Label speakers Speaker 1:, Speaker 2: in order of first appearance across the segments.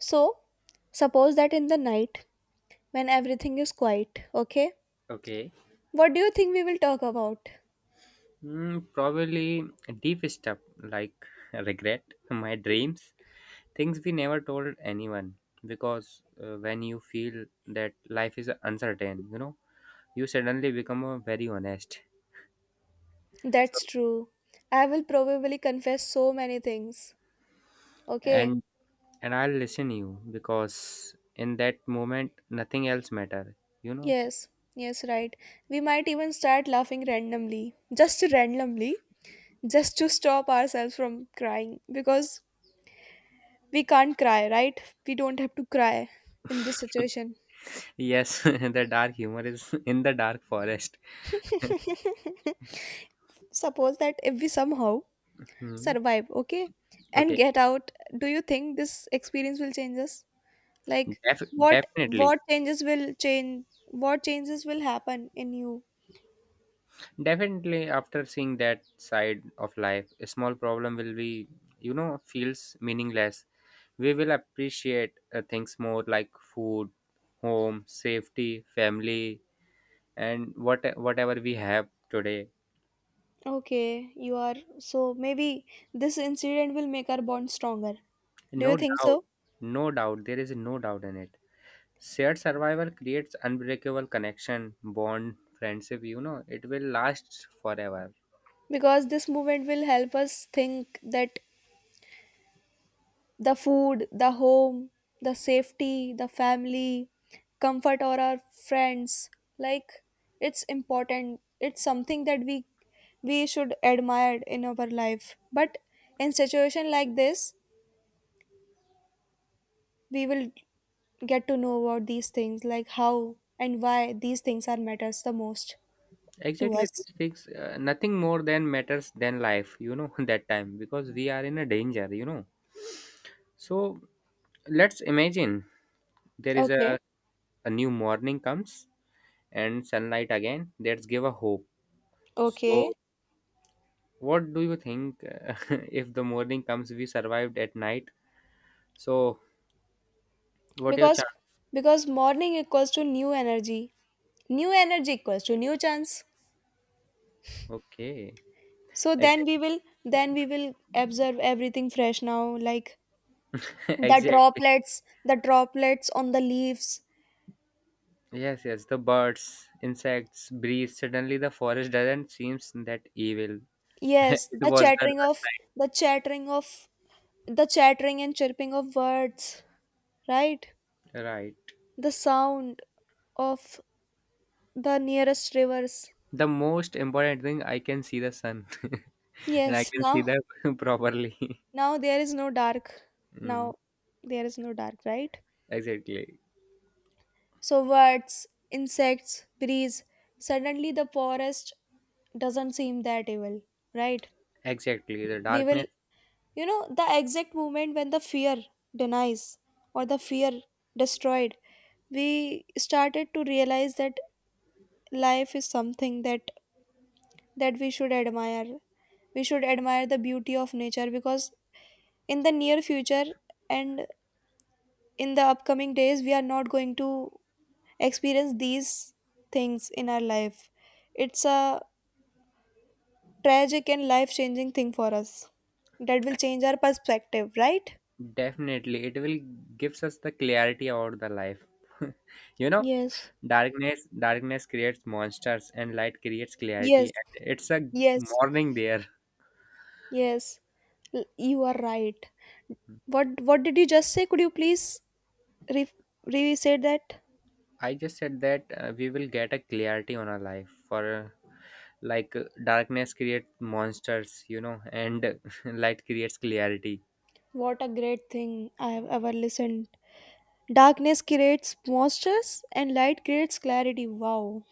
Speaker 1: So, suppose that in the night when everything is quiet, okay?
Speaker 2: Okay.
Speaker 1: What do you think we will talk about?
Speaker 2: Mm, probably deep stuff like regret, my dreams, things we never told anyone. Because when you feel that life is uncertain, you know, you suddenly become very honest. So,
Speaker 1: That's true. I will probably confess so many things, okay?
Speaker 2: and I'll listen you because in that moment nothing else matter. You know.
Speaker 1: Yes, yes, right. We might even start laughing randomly, just to stop ourselves from crying because we can't cry, right? We don't have to cry in this situation.
Speaker 2: Yes, the dark humor is in the dark forest.
Speaker 1: Suppose that if we somehow
Speaker 2: Hmm.
Speaker 1: survive, okay, and
Speaker 2: Okay.
Speaker 1: get out, do you think this experience will change us? Like what
Speaker 2: Definitely.
Speaker 1: what changes will change what changes will happen in you?
Speaker 2: Definitely, after seeing that side of life, a small problem will be, you know, feels meaningless. We will appreciate things more like food, home, safety, family, and whatever we have today.
Speaker 1: Okay, you are so maybe this incident will make our bond stronger. Do
Speaker 2: No
Speaker 1: you think
Speaker 2: doubt,
Speaker 1: so?
Speaker 2: no doubt, there is no doubt in it. Shared survival creates unbreakable connection, bond, friendship. You know, it will last forever.
Speaker 1: Because this movement will help us think that the food, the home, the safety, the family, comfort, or our friends. Like, it's important. It's something that we should admire in our life. But in situation like this, we will get to know about these things, like how and why these things are matters the most to
Speaker 2: Exactly,
Speaker 1: us.
Speaker 2: these things nothing more than matters than life, you know, that time, because we are in a danger, you know. So let's imagine there is
Speaker 1: Okay.
Speaker 2: a new morning comes and sunlight again, let's give a hope.
Speaker 1: Okay.
Speaker 2: So what do you think, if the morning comes, we survived at night, so what your
Speaker 1: Because
Speaker 2: chance?
Speaker 1: because morning equals to new energy. New energy equals to new chance.
Speaker 2: Okay.
Speaker 1: So then we
Speaker 2: Exactly.
Speaker 1: will, then we will observe everything fresh now, like the
Speaker 2: Exactly.
Speaker 1: droplets on the leaves.
Speaker 2: Yes, yes, the birds, insects, breeze, suddenly the forest doesn't seems that evil.
Speaker 1: Yes,
Speaker 2: It
Speaker 1: the
Speaker 2: was the
Speaker 1: chattering
Speaker 2: last
Speaker 1: of, the chattering of, the chattering and chirping of birds, right?
Speaker 2: night, right.
Speaker 1: The sound of the nearest rivers.
Speaker 2: The most important thing, I can see the sun, and I
Speaker 1: Yes,
Speaker 2: can see
Speaker 1: now,
Speaker 2: that properly.
Speaker 1: now there is no dark,
Speaker 2: Mm,
Speaker 1: now there is no dark, right?
Speaker 2: exactly,
Speaker 1: So birds, insects, breeze, suddenly the forest doesn't seem that evil, right?
Speaker 2: exactly. The
Speaker 1: We will,
Speaker 2: darkness,
Speaker 1: you know the exact moment when the fear denies, or the fear destroyed, we started to realize that life is something that we should admire. We should admire the beauty of nature, because in the near future, and in the upcoming days, we are not going to experience these things in our life. It's a tragic and life changing thing for us that will change our perspective, right?
Speaker 2: definitely it will gives us the clarity about the life. You know,
Speaker 1: Yes.
Speaker 2: darkness creates monsters, and light creates
Speaker 1: Yes.
Speaker 2: clarity. And it's a
Speaker 1: Yes.
Speaker 2: morning there.
Speaker 1: Yes, you are right. What did you just say? Could you please re- re-say that?
Speaker 2: I just said that we will get a clarity on our life for. Like darkness creates monsters, you know, and light creates clarity.
Speaker 1: What a great thing I have ever listened. Darkness creates monsters and light creates clarity. Wow.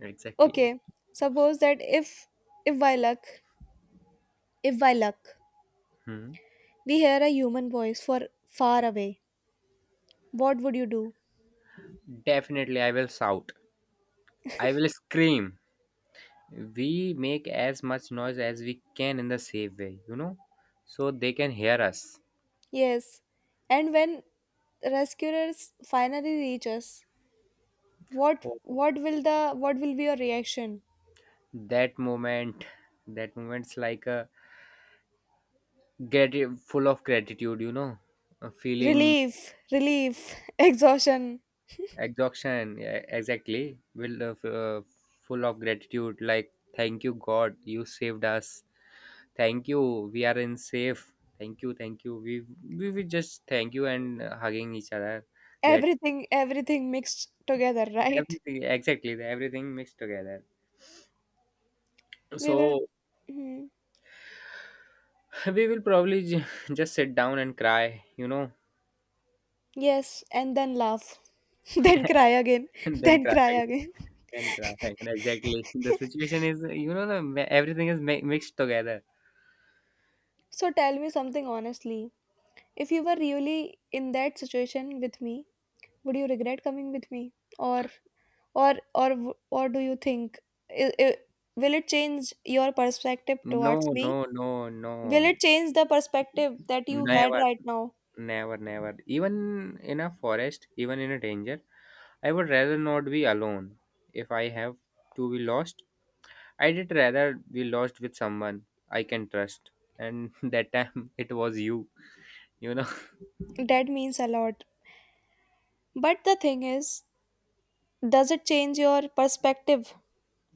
Speaker 2: Exactly.
Speaker 1: Okay, suppose that if by luck, if by luck,
Speaker 2: Hmm.
Speaker 1: we hear a human voice for far away, what would you do?
Speaker 2: Definitely, I will shout. I will scream. We make as much noise as we can in the safe way, you know, so they can hear us.
Speaker 1: Yes. And when rescuers finally reach us, what
Speaker 2: Oh,
Speaker 1: what will the what will be your reaction?
Speaker 2: that moment, that moment's like a, full of gratitude, you know, a feeling.
Speaker 1: Relief, relief, exhaustion,
Speaker 2: Exhaustion. Yeah, exactly, will full of gratitude. Like thank you, God, you saved us. Thank you, we are in safe. Thank you, thank you. We just thank you and hugging each other that.
Speaker 1: everything, everything mixed together, right?
Speaker 2: Everything, exactly, everything mixed together.
Speaker 1: We will,
Speaker 2: So
Speaker 1: hmm,
Speaker 2: we will probably just sit down and cry, you know,
Speaker 1: yes, and then laugh, then cry again,
Speaker 2: and then
Speaker 1: then
Speaker 2: cry
Speaker 1: cry
Speaker 2: again,
Speaker 1: again.
Speaker 2: then cry again. Exactly. The situation is, you know, everything is mixed together.
Speaker 1: So tell me something honestly. If you were really in that situation with me, would you regret coming with me, or or do you think i i- will it change your perspective
Speaker 2: No,
Speaker 1: towards me?
Speaker 2: no, no,
Speaker 1: Will
Speaker 2: no.
Speaker 1: it change the perspective that you had
Speaker 2: Never,
Speaker 1: right now?
Speaker 2: never, never. Even in a forest, even in a danger, I would rather not be alone. If I have to be lost, I did rather be lost with someone I can trust. And that time it was you, you know.
Speaker 1: That means a lot. But the thing is, does it change your perspective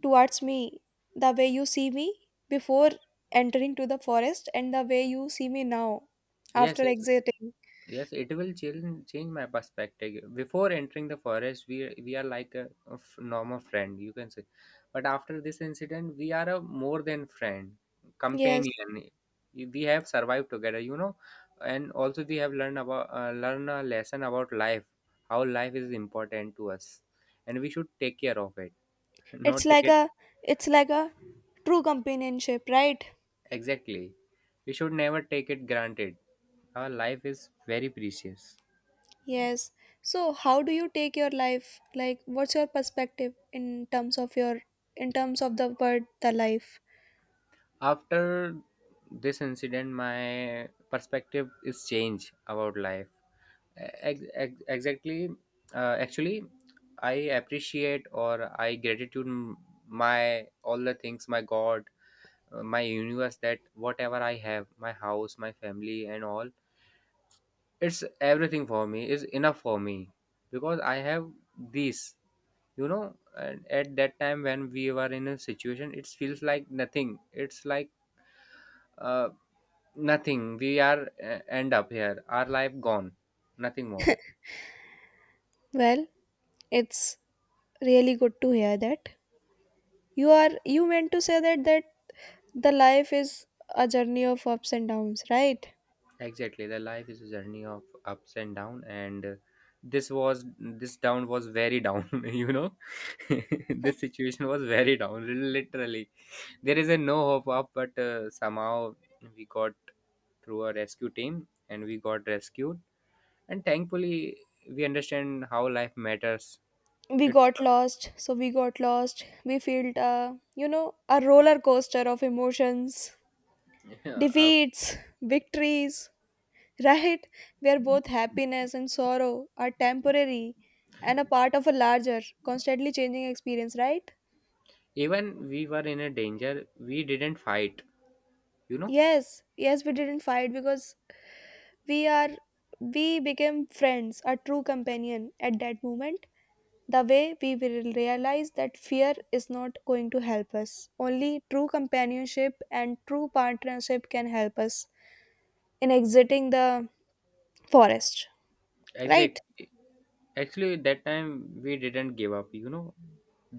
Speaker 1: towards me? The way you see me before entering to the forest and the way you see me now
Speaker 2: Yes,
Speaker 1: after
Speaker 2: yes.
Speaker 1: exiting.
Speaker 2: Yes, it will change my perspective. Before entering the forest, we are like a normal friend, you can say. But after this incident, we are a more than friend,
Speaker 1: Yes.
Speaker 2: companion. We have survived together, you know, and also we have learned about learn a lesson about life, how life is important to us, and we should take care of it,
Speaker 1: It's
Speaker 2: not
Speaker 1: like
Speaker 2: take it.
Speaker 1: a it's like a true companionship, right?
Speaker 2: Exactly. We should never take it granted. Our life is very precious.
Speaker 1: Yes. So how do you take your life? Like what's your perspective in terms of your, in terms of the word the life?
Speaker 2: After this incident, my perspective is changed about life. Exactly. Actually, I appreciate or I gratitude my all the things, my god, my universe, that whatever I have, my house, my family and all, it's everything for me, is enough for me, because I have this, you know. And at that time, when we were in a situation, it feels like nothing, it's like, uh, nothing. We are end up here. Our life gone. Nothing more.
Speaker 1: Well, it's really good to hear that. You are, you meant to say that the life is a journey of ups and downs, right?
Speaker 2: Exactly. The life is a journey of ups and down, and this was, this down was very down. You know, this situation was very down. Literally, there is a no hope up, but somehow we got through a rescue team, and we got rescued. And thankfully, we understand how life matters.
Speaker 1: We
Speaker 2: It's
Speaker 1: got lost, so we got lost, we felt you know, a roller coaster of emotions,
Speaker 2: uh, uh,
Speaker 1: defeats, victories, right? Where both happiness and sorrow are temporary and a part of a larger, constantly changing experience, right?
Speaker 2: even we were in a danger. We didn't fight. You know,
Speaker 1: Yes. Yes, we didn't fight because we are, we became friends, a true companion at that moment. The way we will realize that fear is not going to help us. Only true companionship and true partnership can help us in exiting the forest, right?
Speaker 2: exactly. Actually, that time we didn't give up, you know.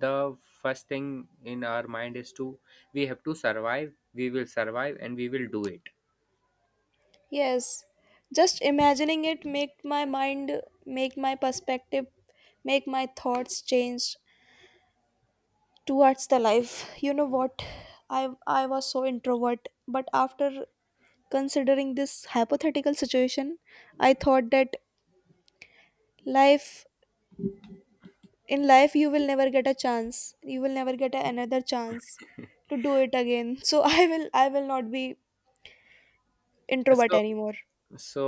Speaker 2: The first thing in our mind is to, we have to survive, we will survive, and we will do it.
Speaker 1: Yes. Just imagining it make my mind, make my perspective, make my thoughts change towards the life. You know what? I was so introvert, but after considering this hypothetical situation, I thought that life, in life you will never get a chance, you will never get another chance to do it again, so I will not be introvert
Speaker 2: So,
Speaker 1: anymore.
Speaker 2: so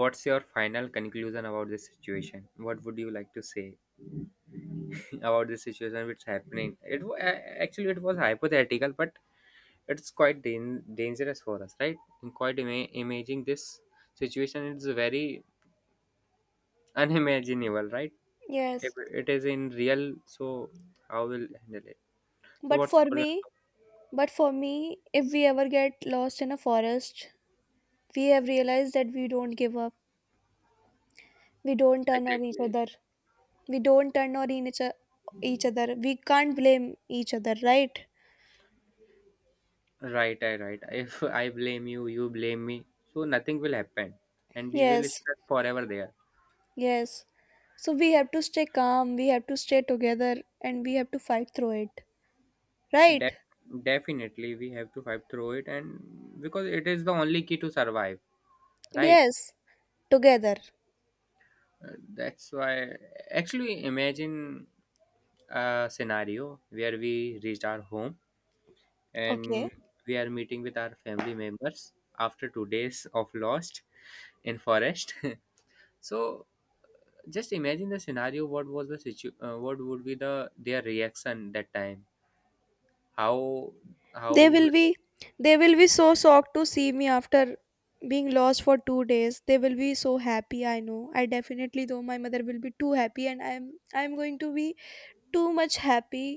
Speaker 2: what's your final conclusion about this situation, what would you like to say about this situation which happening, actually it was hypothetical, but it's quite dangerous for us, right? And quite imaging this situation is very unimaginable, right? If
Speaker 1: Yes.
Speaker 2: it is in real, so how will handle it? So
Speaker 1: but
Speaker 2: what's
Speaker 1: for
Speaker 2: Korean?
Speaker 1: me but for me if we ever get lost in a forest, we have realized that we don't give up, we don't turn on each
Speaker 2: Exactly.
Speaker 1: other, we don't turn on each other, we can't blame each other, right?
Speaker 2: Right, I right. If I blame you, you blame me. So nothing will happen, and we will
Speaker 1: Yes.
Speaker 2: stuck forever there.
Speaker 1: Yes, so we have to stay calm, we have to stay together, and we have to fight through it,
Speaker 2: Def
Speaker 1: right?
Speaker 2: Definitely, we have to fight through it, and because it is the only key to survive. Right.
Speaker 1: Yes, together.
Speaker 2: That's why. Actually, imagine a scenario where we reached our home
Speaker 1: Okay.
Speaker 2: and we are meeting with our family members after 2 days of lost in forest. So just imagine the scenario, what was the situ what would be the their reaction that time, how how
Speaker 1: They
Speaker 2: will-
Speaker 1: will be, they will be so shocked to see me after being lost for 2 days. They will be so happy, I know. I definitely though my mother will be too happy, and I'm going to be too much happy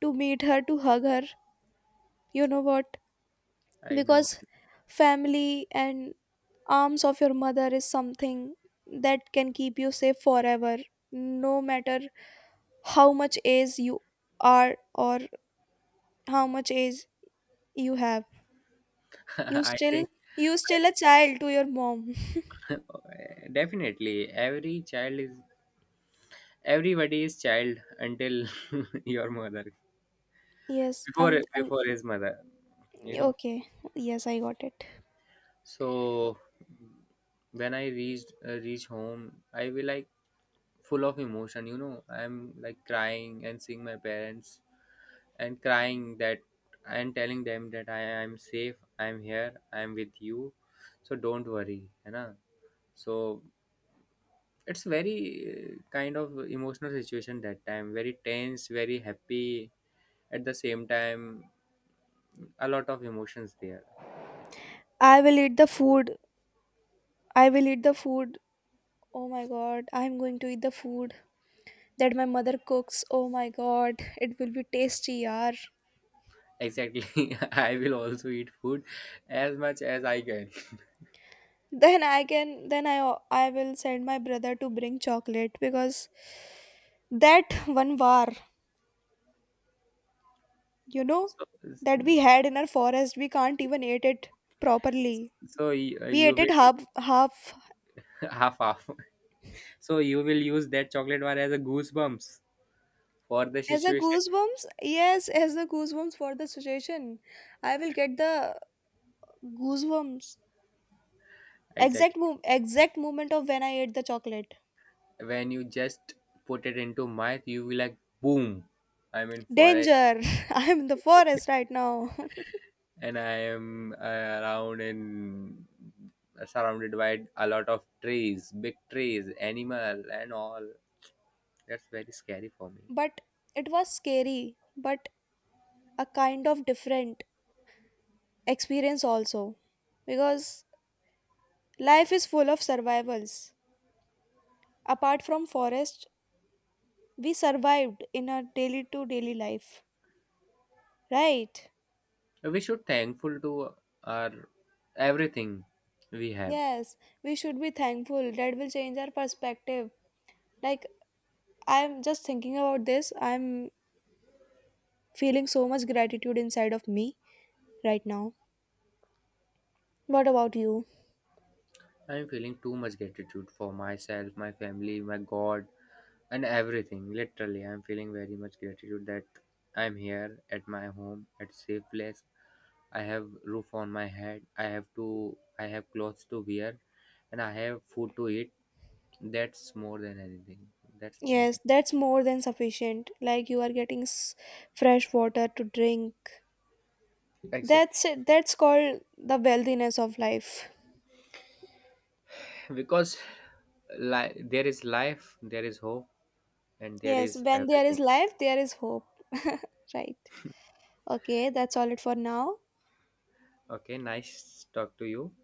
Speaker 1: to meet her, to hug her. You know what?
Speaker 2: I know.
Speaker 1: Because family and arms of your mother is something that can keep you safe forever, no matter how much age you are, or how much age you have. You
Speaker 2: I
Speaker 1: still,
Speaker 2: think
Speaker 1: you still a child to your mom.
Speaker 2: definitely every child is, everybody is child until your mother,
Speaker 1: Yes,
Speaker 2: before
Speaker 1: and
Speaker 2: before his mother, you know.
Speaker 1: okay. Yes, I got it.
Speaker 2: So when I reach home, I will like full of emotion, you know. I'm like crying and seeing my parents and crying that, and telling them that I am safe, I am here, I am with you, so don't worry, है ना? So it's very kind of emotional situation that time, very tense, very happy at the same time, a lot of emotions there.
Speaker 1: I will eat the food. I will eat the food. Oh my god, I'm going to eat the food that my mother cooks. Oh my god, it will be tasty, yaar.
Speaker 2: Exactly, I will also eat food as much as I can.
Speaker 1: Then I I will send my brother to bring chocolate because that one var, you know,
Speaker 2: So,
Speaker 1: that we had in our forest, we can't even eat it properly.
Speaker 2: so
Speaker 1: We
Speaker 2: you
Speaker 1: ate
Speaker 2: will
Speaker 1: it half half.
Speaker 2: half half. So you will use that chocolate bar as a goosebumps for the
Speaker 1: As a
Speaker 2: situation.
Speaker 1: goosebumps, yes, as the goosebumps for the suggestion, I will get the goosebumps. Exact
Speaker 2: Exactly.
Speaker 1: move, exact moment of when I ate the chocolate.
Speaker 2: When you just put it into mouth, you will like boom, I'm in forest.
Speaker 1: Danger! I am in the forest right now.
Speaker 2: And I am around in, surrounded by a lot of trees, big trees, animal and all. That's very scary for me.
Speaker 1: But it was scary, but a kind of different experience also, because life is full of survivals. Apart from forest, we survived in our daily to daily life, right?
Speaker 2: We should thankful to our everything we have.
Speaker 1: Yes, we should be thankful. That will change our perspective. Like, I'm just thinking about this. I'm feeling so much gratitude inside of me right now. What about you?
Speaker 2: I'm feeling too much gratitude for myself, my family, my god, and everything. Literally, I'm feeling very much gratitude that I'm here at my home, at safe place. I have roof on my head. I have to. I have clothes to wear, and I have food to eat. That's more than anything. That's more than.
Speaker 1: Yes, that's more than sufficient. Like, you are getting fresh water to drink.
Speaker 2: Exactly.
Speaker 1: That's it. That's called the wealthiness of life.
Speaker 2: Because there is life, there is hope, and there
Speaker 1: Yes,
Speaker 2: is
Speaker 1: when there is
Speaker 2: everything.
Speaker 1: life, there is hope. Right. Okay, that's all it for now.
Speaker 2: Okay, nice talk to you.